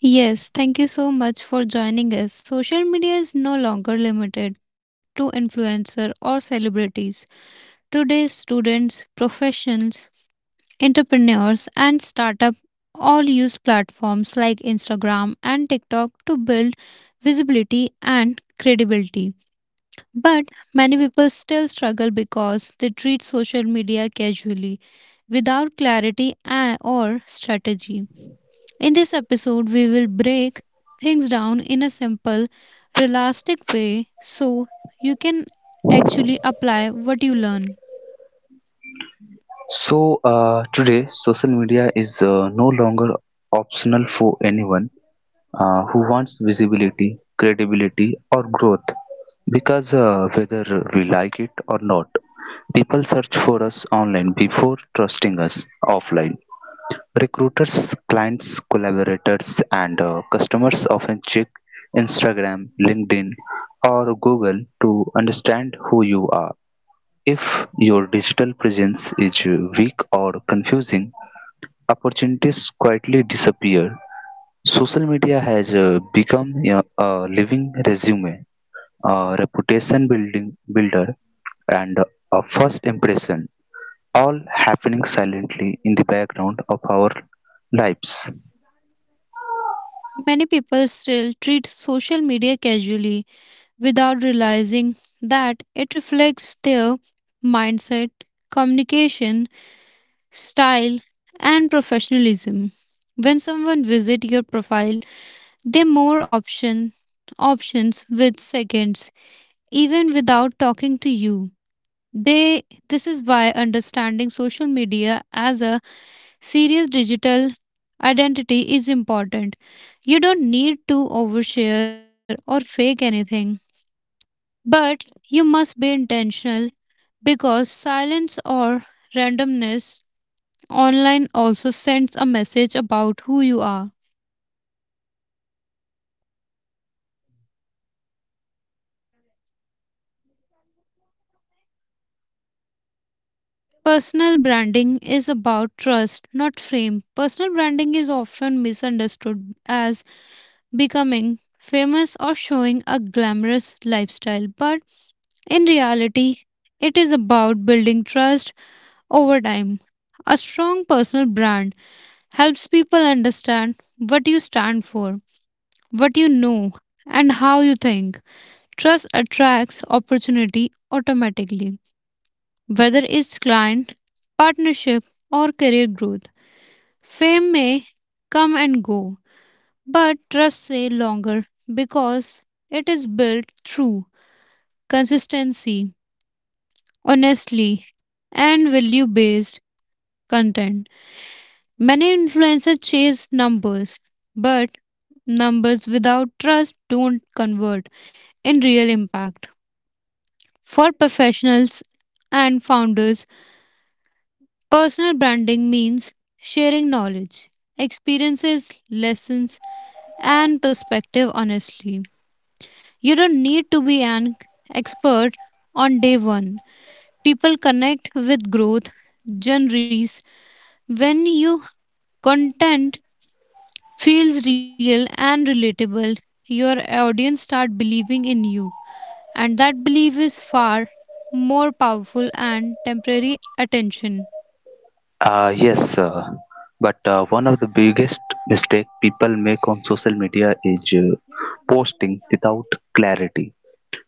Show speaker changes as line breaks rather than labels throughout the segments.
Yes, thank you so much for joining us. Social media is no longer limited to influencer or celebrities. Today, students, professionals, entrepreneurs, and startup all use platforms like Instagram and TikTok to build visibility and credibility. But many people still struggle because they treat social media casually without clarity and or strategy. In this episode, we will break things down in a simple, realistic way so you can actually apply what you learn.
Today, social media is no longer optional for anyone who wants visibility, credibility, or growth because whether we like it or not, people search for us online before trusting us offline. Recruiters, clients, collaborators, and customers often check Instagram, LinkedIn, or Google to understand who you are. If your digital presence is weak or confusing, opportunities quietly disappear. Social media has become a living resume, a reputation building builder, and a first impression, all happening silently in the background of our lives.
Many people still treat social media casually without realizing that it reflects their mindset, communication, style, and professionalism. When someone visits your profile, they more options with seconds, even without talking to you. They this is why understanding social media as a serious digital identity is important. You don't need to overshare or fake anything, but you must be intentional because silence or randomness online also sends a message about who you are. Personal branding is about trust, not fame. Personal branding is often misunderstood as becoming famous or showing a glamorous lifestyle, but in reality, it is about building trust over time. A strong personal brand helps people understand what you stand for, what you know, and how you think. Trust attracts opportunity automatically, whether it's client, partnership, or career growth. Fame may come and go, but trust stay longer because it is built through consistency, honestly, and value based content. Many influencers chase numbers, but numbers without trust don't convert in real impact. For professionals and founders, personal branding means sharing knowledge, experiences, lessons, and perspective honestly. You don't need to be an expert on day one. People connect with growth journeys when you content feels real and relatable. Your audience start believing in you, and that belief is far more powerful and temporary attention.
Yes, sir. But one of the biggest mistake people make on social media is posting without clarity,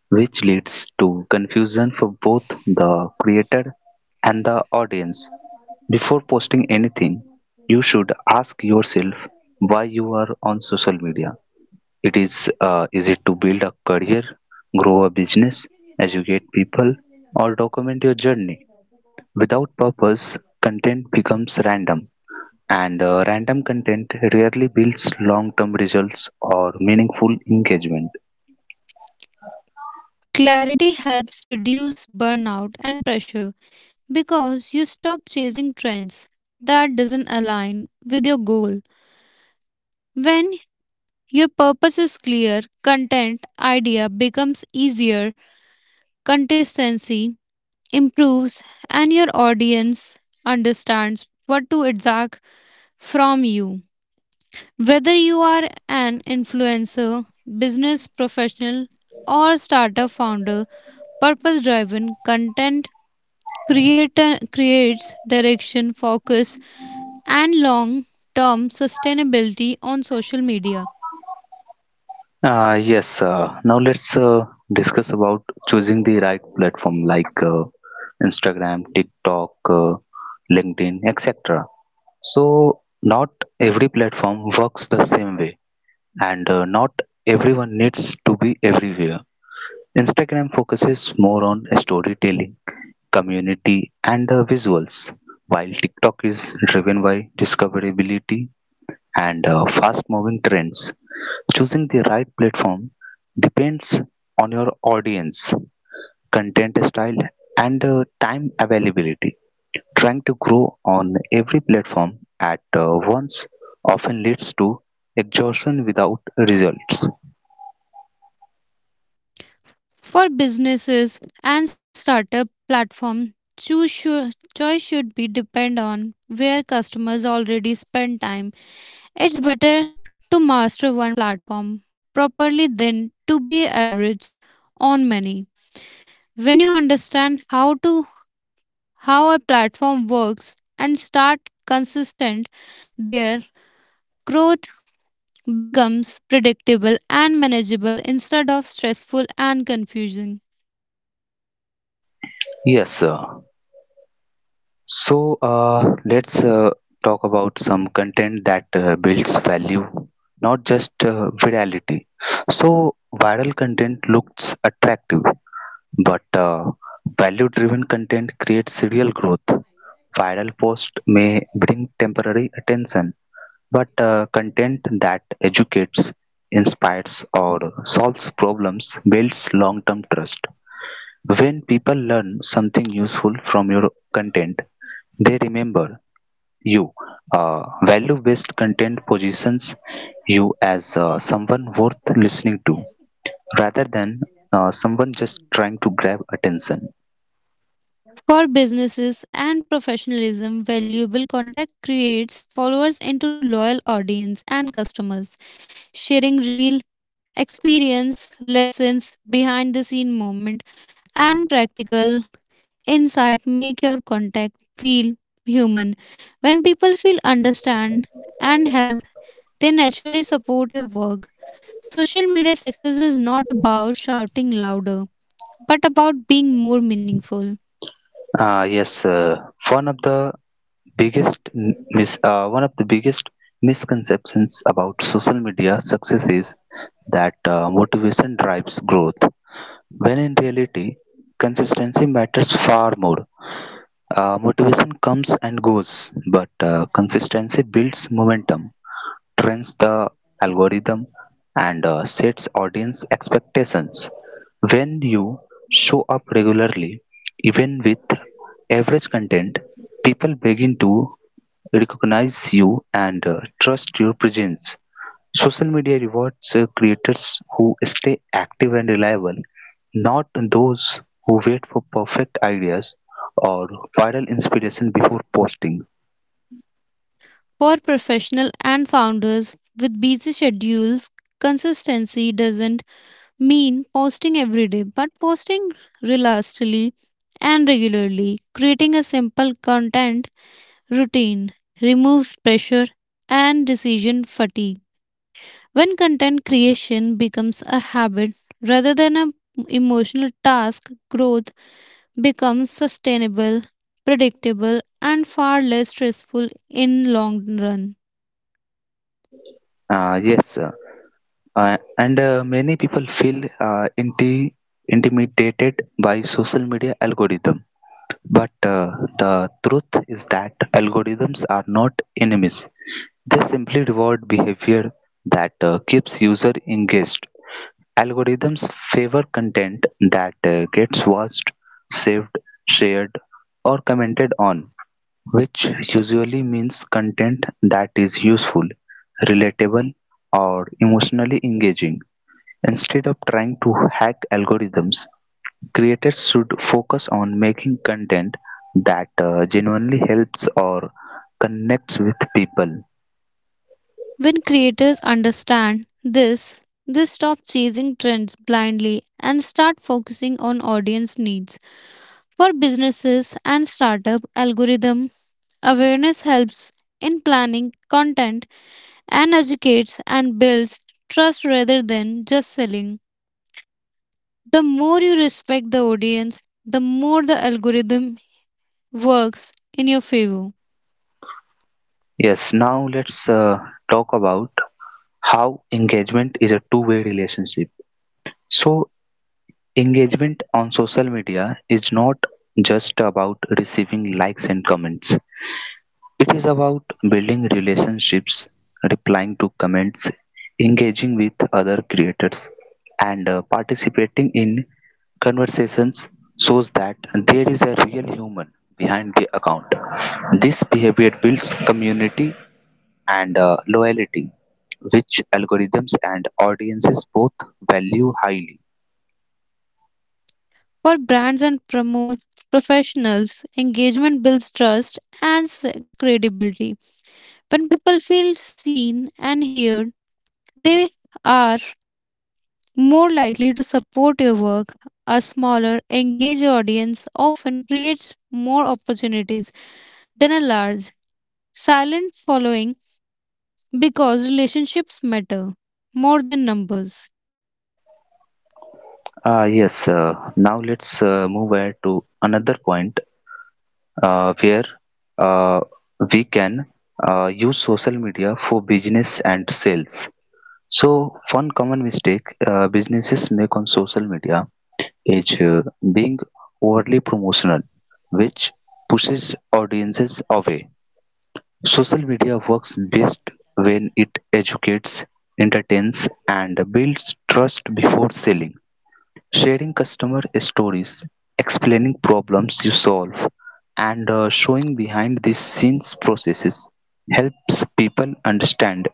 which leads to confusion for both the creator and the audience. Before posting anything, you should ask yourself why you are on social media. It is it to build a career, grow a business, educate people, or document your journey? Without purpose, content becomes random, and random content rarely builds long term results or meaningful engagement.
Clarity helps reduce burnout and pressure because you stop chasing trends that doesn't align with your goal. When your purpose is clear, content idea becomes easier, consistency improves, and your audience understands what to exact from you. Whether you are an influencer, business professional, or startup founder, purpose driven content creator creates direction, focus, and long term sustainability on social media.
Yes, now let's discuss about choosing the right platform like Instagram, TikTok, LinkedIn, etc. So, not every platform works the same way, and not everyone needs to be everywhere. Instagram focuses more on storytelling, community, and visuals, while TikTok is driven by discoverability and fast moving trends. Choosing the right platform depends on your audience, content style, and time availability. Trying to grow on every platform at once often leads to exhaustion without results.
For businesses and startup platforms, choice should be depend on where customers already spend time. It's better to master one platform properly than to be average on many. When you understand how a platform works and start consistent there, growth becomes predictable and manageable instead of stressful and confusing.
Yes, sir. So let's talk about some content that builds value, not just virality. So viral content looks attractive, but value-driven content creates real growth. Viral post may bring temporary attention, but content that educates, inspires, or solves problems builds long-term trust. When people learn something useful from your content, they remember you. Uh, Value based content positions you as someone worth listening to rather than someone just trying to grab attention.
For businesses and professionalism, valuable contact creates followers into loyal audience and customers, sharing real experience, lessons, behind the scene moment, and practical insight make your contact feel human. When people feel understand and helped, they naturally support your work. Social media success is not about shouting louder, but about being more meaningful.
Yes, one of the biggest m- mis- One of the biggest misconceptions about social media success is that motivation drives growth. When in reality, consistency matters far more. Motivation comes and goes, but consistency builds momentum. Trains the algorithm and sets audience expectations. When you show up regularly, even with average content, people begin to recognize you and trust your presence. Social media rewards creators who stay active and reliable, not those who wait for perfect ideas or viral inspiration before posting.
For professional and founders with busy schedules, consistency doesn't mean posting every day, but posting relentlessly and regularly. Creating a simple content routine removes pressure and decision fatigue. When content creation becomes a habit rather than an emotional task, growth becomes sustainable, predictable, and far less stressful in long run.
Yes, Uh, and Many people feel uh, inti- intimidated by social media algorithm. But the truth is that algorithms are not enemies. They simply reward behavior that keeps user engaged. Algorithms favor content that gets watched, saved, shared, or commented on, which usually means content that is useful, relatable, or emotionally engaging. Instead of trying to hack algorithms, creators should focus on making content that genuinely helps or connects with people.
When creators understand this, they stop chasing trends blindly and start focusing on audience needs. For businesses and startup algorithm, awareness helps in planning content and educates and builds trust rather than just selling. The more you respect the audience, the more the algorithm works in your favor.
Yes, now let's talk about how engagement is a two-way relationship. So, engagement on social media is not just about receiving likes and comments. It is about building relationships, replying to comments, engaging with other creators, and participating in conversations shows that there is a real human behind the account. This behavior builds community and loyalty, which algorithms and audiences both value highly.
For brands and promote professionals, engagement builds trust and credibility. When people feel seen and heard, they are more likely to support your work. A smaller, engaged audience often creates more opportunities than a large, silent following because relationships matter more than numbers.
Yes, Now let's move ahead to another point where uh, we can use social media for business and sales. So, one common mistake businesses make on social media is being overly promotional, which pushes audiences away. Social media works best when it educates, entertains, and builds trust before selling. Sharing customer stories, explaining problems you solve, and showing behind the scenes processes helps people understand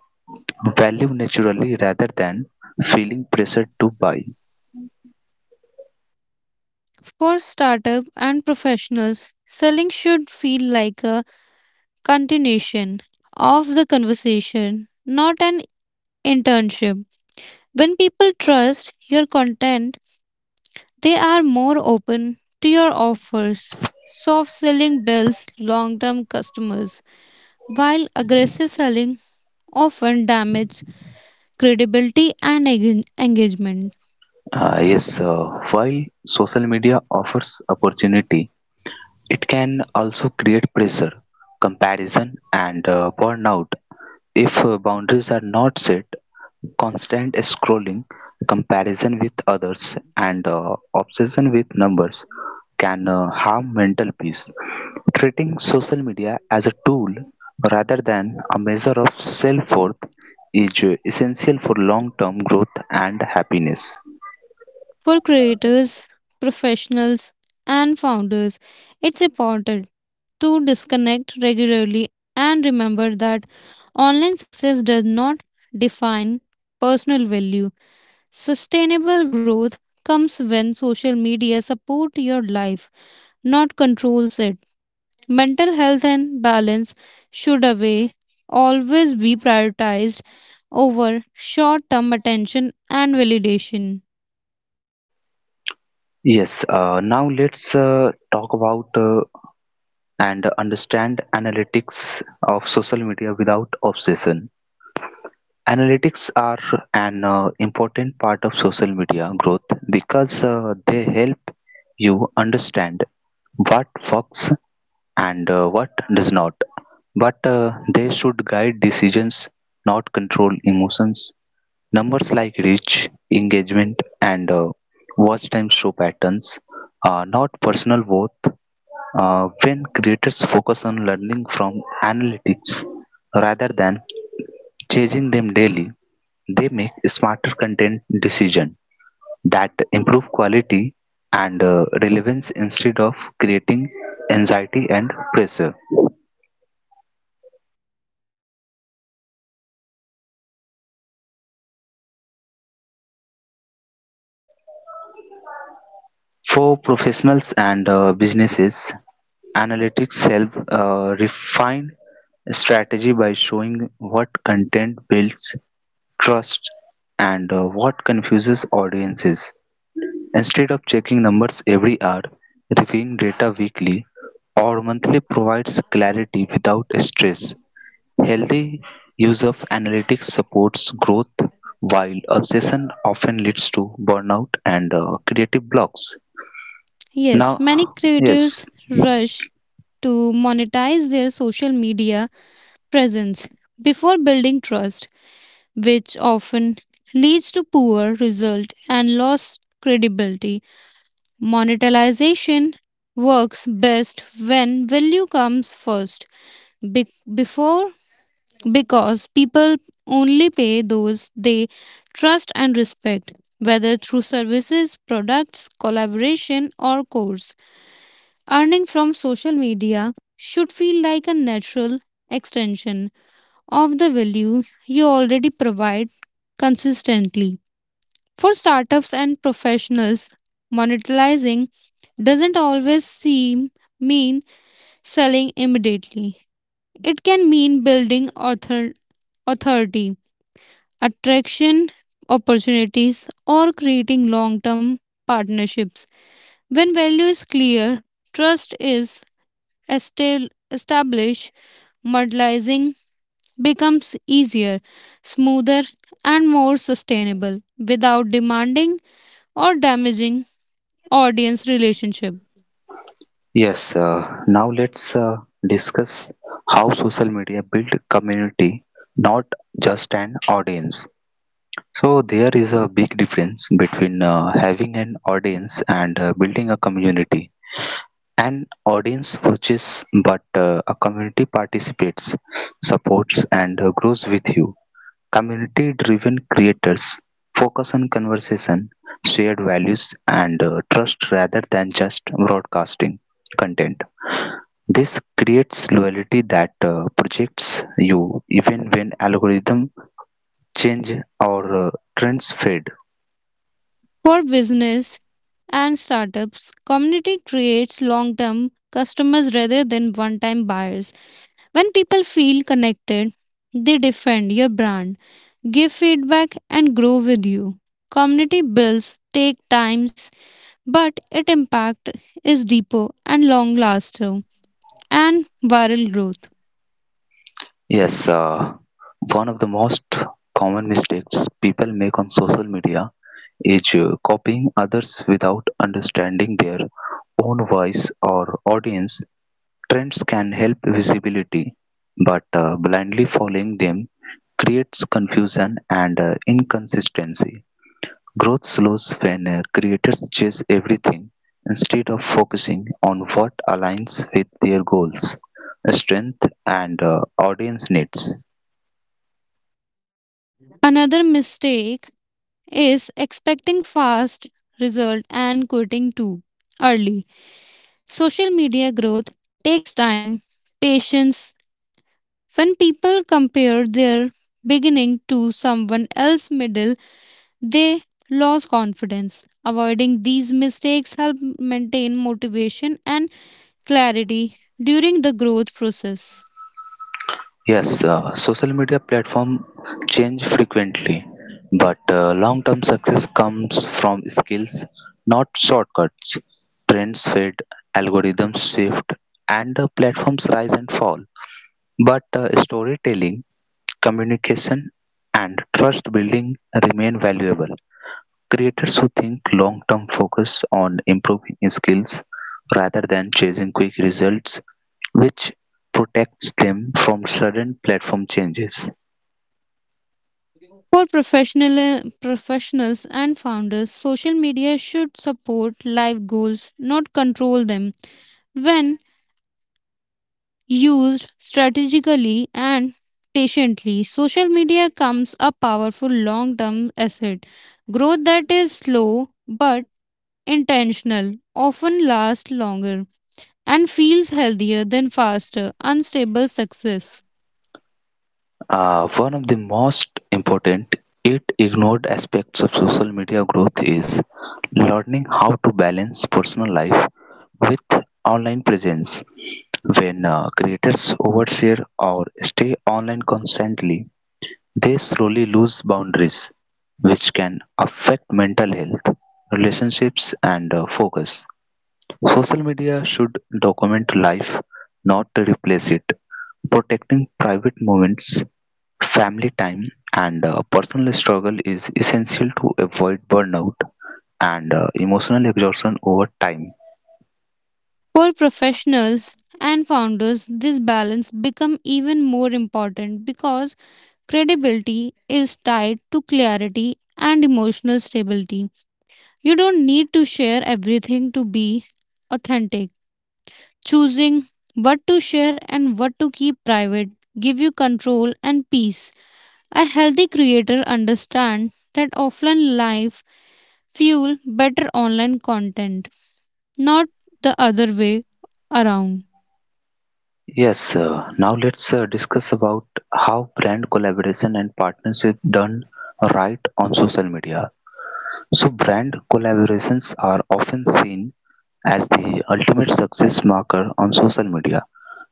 value naturally rather than feeling pressured to buy.
For startup and professionals, selling should feel like a continuation of the conversation, not an internship. When people trust your content, they are more open to your offers. Soft selling builds long term customers, while aggressive selling often damages credibility and engagement.
Uh, yes, uh, while social media offers opportunity, it can also create pressure, comparison, and burnout. If boundaries are not set, constant scrolling, comparison with others, and obsession with numbers can harm mental peace. Treating social media as a tool rather than a measure of self worth is essential for long term growth and happiness.
For creators, professionals, and founders, it's important to disconnect regularly and remember that online success does not define personal value. Sustainable growth comes when social media support your life, not controls it. Mental health and balance should away always be prioritized over short-term attention and validation.
Yes, now let's talk about and understand analytics of social media without obsession. Analytics are an important part of social media growth because they help you understand what works and what does not. But they should guide decisions, not control emotions. Numbers like reach, engagement, and watch time show patterns, not personal worth. When creators focus on learning from analytics rather than changing them daily, they make smarter content decisions that improve quality and relevance instead of creating anxiety and pressure. For professionals and businesses, analytics help refine strategy by showing what content builds trust and what confuses audiences. Instead of checking numbers every hour, reviewing data weekly or monthly provides clarity without stress. Healthy use of analytics supports growth, while obsession often leads to burnout and creative blocks.
Yes, many
Now, yes,
creators rush to monetize their social media presence before building trust, which often leads to poor result and lost credibility. Monetization works best when value comes first. Be- before because people only pay those they trust and respect, whether through services, products, collaboration, or course. Earning from social media should feel like a natural extension of the value you already provide consistently. For startups and professionals, monetizing doesn't always seem mean selling immediately. It can mean building authority, attraction opportunities, or creating long-term partnerships. When value is clear, trust is establish, modelizing becomes easier, smoother, and more sustainable without demanding or damaging audience relationship.
yes, now let's discuss how social media build community, not just an audience. So there is a big difference between having an audience and building a community. An audience watches, but a community participates, supports, and grows with you. Community driven creators focus on conversation, shared values, and trust rather than just broadcasting content. This creates loyalty that projects you even when algorithm change or trends fade.
For business and startups, community creates long-term customers rather than one-time buyers. When people feel connected, they defend your brand, give feedback, and grow with you. Community builds take times but its impact is deeper and long lasting and viral growth.
Yes, one of the most common mistakes people make on social media is copying others without understanding their own voice or audience. Trends can help visibility, but blindly following them creates confusion and inconsistency. Growth slows when creators chase everything instead of focusing on what aligns with their goals, strength, and audience needs.
Another mistake is expecting fast result and quitting too early. Social media growth takes time, patience. When people compare their beginning to someone else's middle, they lose confidence. Avoiding these mistakes help maintain motivation and clarity during the growth process.
Yes, social media platform change frequently, but long-term success comes from skills, not shortcuts. Trends fade, algorithms shift, and platforms rise and fall. But storytelling, communication, and trust building remain valuable. Creators who think long-term focus on improving skills rather than chasing quick results, which protects them from sudden platform changes.
For professionals and founders, social media should support life goals, not control them. When used strategically and patiently, social media becomes a powerful long-term asset. Growth that is slow but intentional often lasts longer and feels healthier than faster, unstable success.
One of the most important yet ignored aspects of social media growth is learning how to balance personal life with online presence. When creators overshare or stay online constantly, they slowly lose boundaries, which can affect mental health, relationships, and focus. Social media should document life, not replace it. Protecting private moments, family time, and personal struggle is essential to avoid burnout and emotional exhaustion over time.
For professionals and founders, this balance become even more important because credibility is tied to clarity and emotional stability. You don't need to share everything to be authentic. Choosing what to share and what to keep private give you control and peace. A healthy creator understands that offline life fuel better online content, not the other way around.
Yes, now let's discuss about how brand collaboration and partnership done right on social media. So brand collaborations are often seen as the ultimate success marker on social media.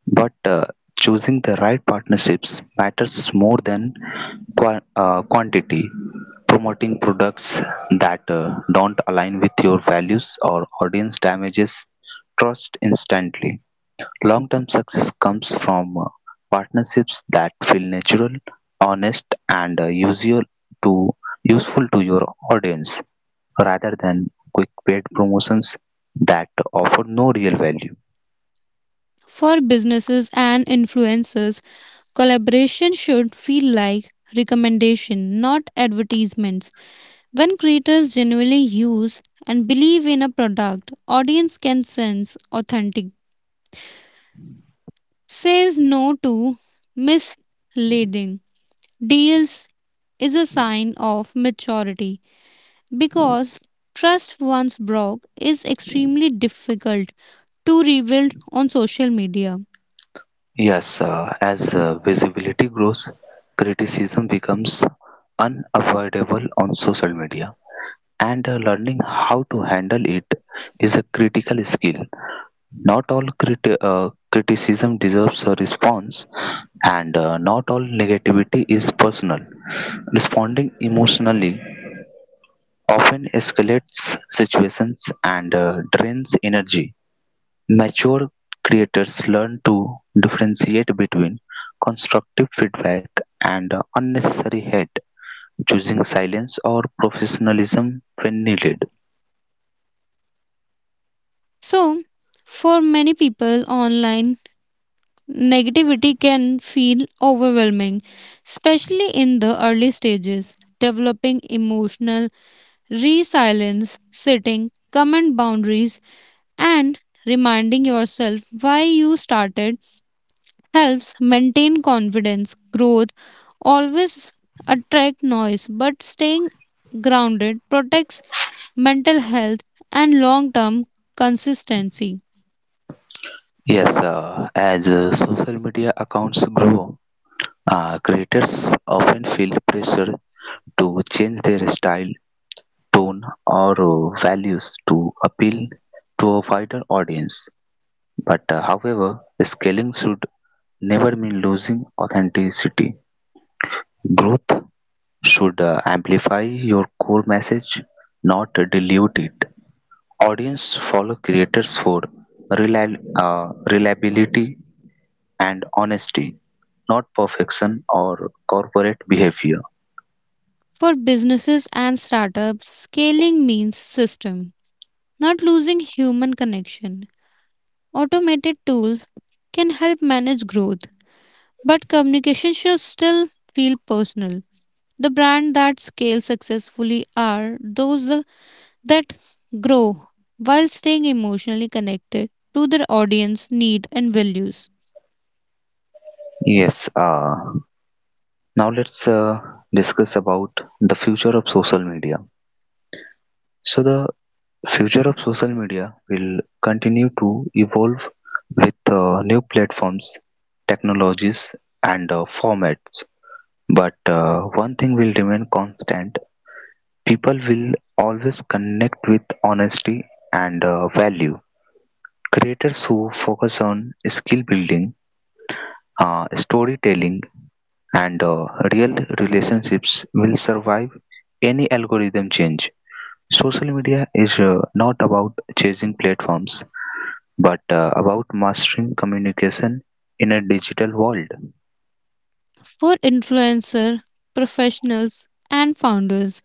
But choosing the right partnerships matters more than quantity. Promoting products that don't align with your values or audience damages trust instantly. Long term success comes from partnerships that feel natural, honest, and usual to useful to your audience rather than quick paid promotions that offer no real value.
For businesses and influencers, collaboration should feel like recommendation, not advertisements. When creators genuinely use and believe in a product, audience can sense authentic. Says no to misleading. Deals is a sign of maturity because trust once broke is extremely difficult to rebuild on social media.
Yes, as visibility grows, criticism becomes unavoidable on social media, and learning how to handle it is a critical skill. Not all criticism deserves a response, and not all negativity is personal. Responding emotionally often escalates situations and drains energy. Mature creators learn to differentiate between constructive feedback and unnecessary hate, choosing silence or professionalism when needed.
So, for many people online, negativity can feel overwhelming, especially in the early stages. Developing emotional resilience, setting comment boundaries, and reminding yourself why you started helps maintain confidence. Growth always attract noise, but staying grounded protects mental health and long-term consistency.
Yes, as social media accounts grow, creators often feel pressure to change their style, tone, or values to appeal to a wider audience. But however, scaling should never mean losing authenticity. Growth should amplify your core message, not dilute it. Audience follow creators for relia- reliability and honesty, not perfection or corporate behavior.
For businesses and startups, scaling means system, not losing human connection. Automated tools can help manage growth, but communication should still feel personal. The brand that scale successfully are those that grow while staying emotionally connected to their audience need and values.
Yes, now let's discuss about the future of social media. So, the future of social media will continue to evolve with new platforms, technologies, and formats. But one thing will remain constant: people will always connect with honesty and value. Creators who focus on skill building, storytelling, and real relationships will survive any algorithm change. Social media is not about chasing platforms but about mastering communication in a digital world.
For influencer, professionals and founders,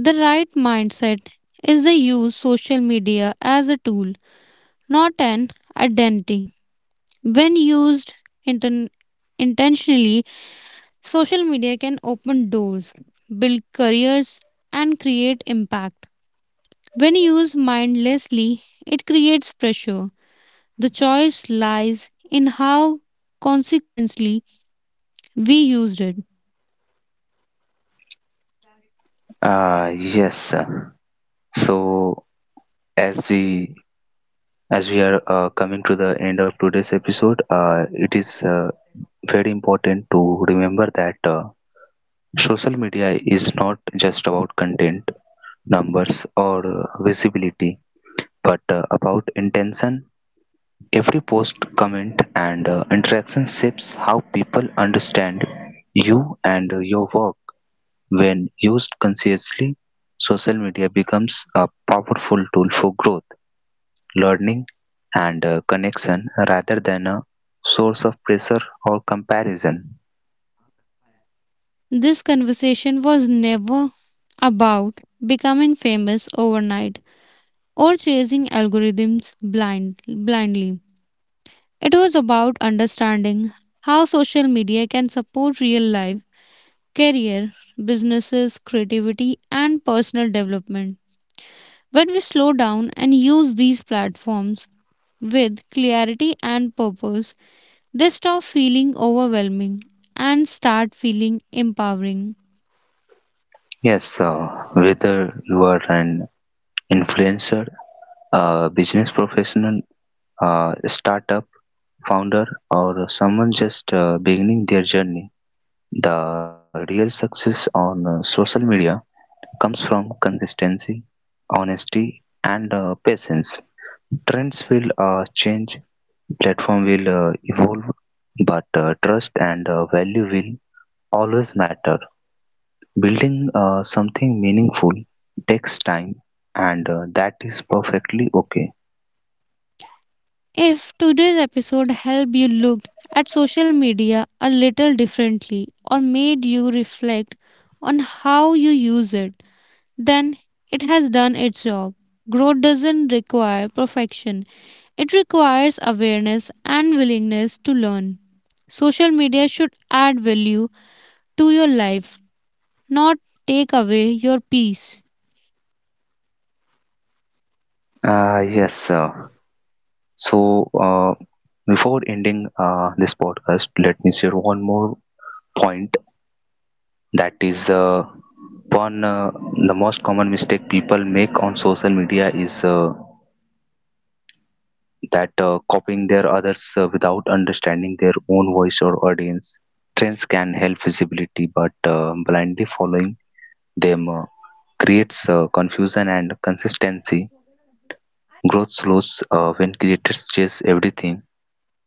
the right mindset is to use social media as a tool, not an identity. When used inten- intentionally, social media can open doors, build careers, and create impact. When used mindlessly, it creates pressure. The choice lies in how consequently we used it.
Yes, sir. so as we as we are coming to the end of today's episode, it is very important to remember that social media is not just about content, numbers, or visibility, but about intention. Every post, comment, and interaction shapes how people understand you and your work. When used consciously, social media becomes a powerful tool for growth, learning, and connection rather than a source of pressure or comparison.
This conversation was never about becoming famous overnight or chasing algorithms blindly. It was about understanding how social media can support real life, career, businesses, creativity, and personal development. When we slow down and use these platforms with clarity and purpose, they stop feeling overwhelming and start feeling empowering.
Yes, whether you are an influencer, a business professional, a startup founder, or someone just beginning their journey, the real success on social media comes from consistency, honesty, and patience. Trends will change. Platform will evolve, but trust and value will always matter. Building something meaningful takes time, and that is perfectly okay.
If today's episode helped you look at social media a little differently or made you reflect on how you use it, then it has done its job. Growth doesn't require perfection, it requires awareness and willingness to learn. Social media should add value to your life, not take away your peace.
Uh, yes. Uh, so, uh, Before ending this podcast, let me share one more point. That is one The most common mistake people make on social media is that copying their others without understanding their own voice or audience. Trends can help visibility, but blindly following them creates confusion and consistency. Growth slows when creators chase everything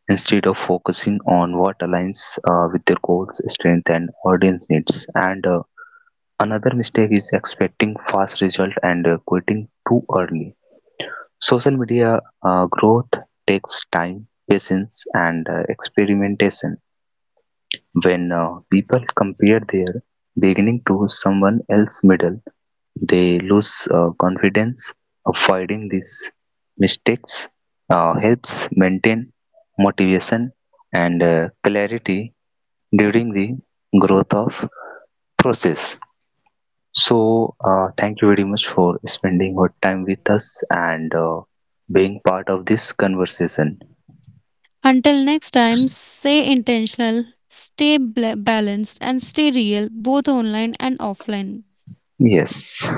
instead of focusing on what aligns with their goals, strength, and audience needs. And another mistake is expecting fast result and quitting too early. Social media growth takes time, patience, and experimentation. When people compare their beginning to someone else's middle, they lose confidence. Avoiding these mistakes helps maintain motivation and clarity during the growth of process. So, thank you very much for spending your time with us and being part of this conversation.
Until next time, stay intentional, stay balanced, and stay real, both online and offline.
Yes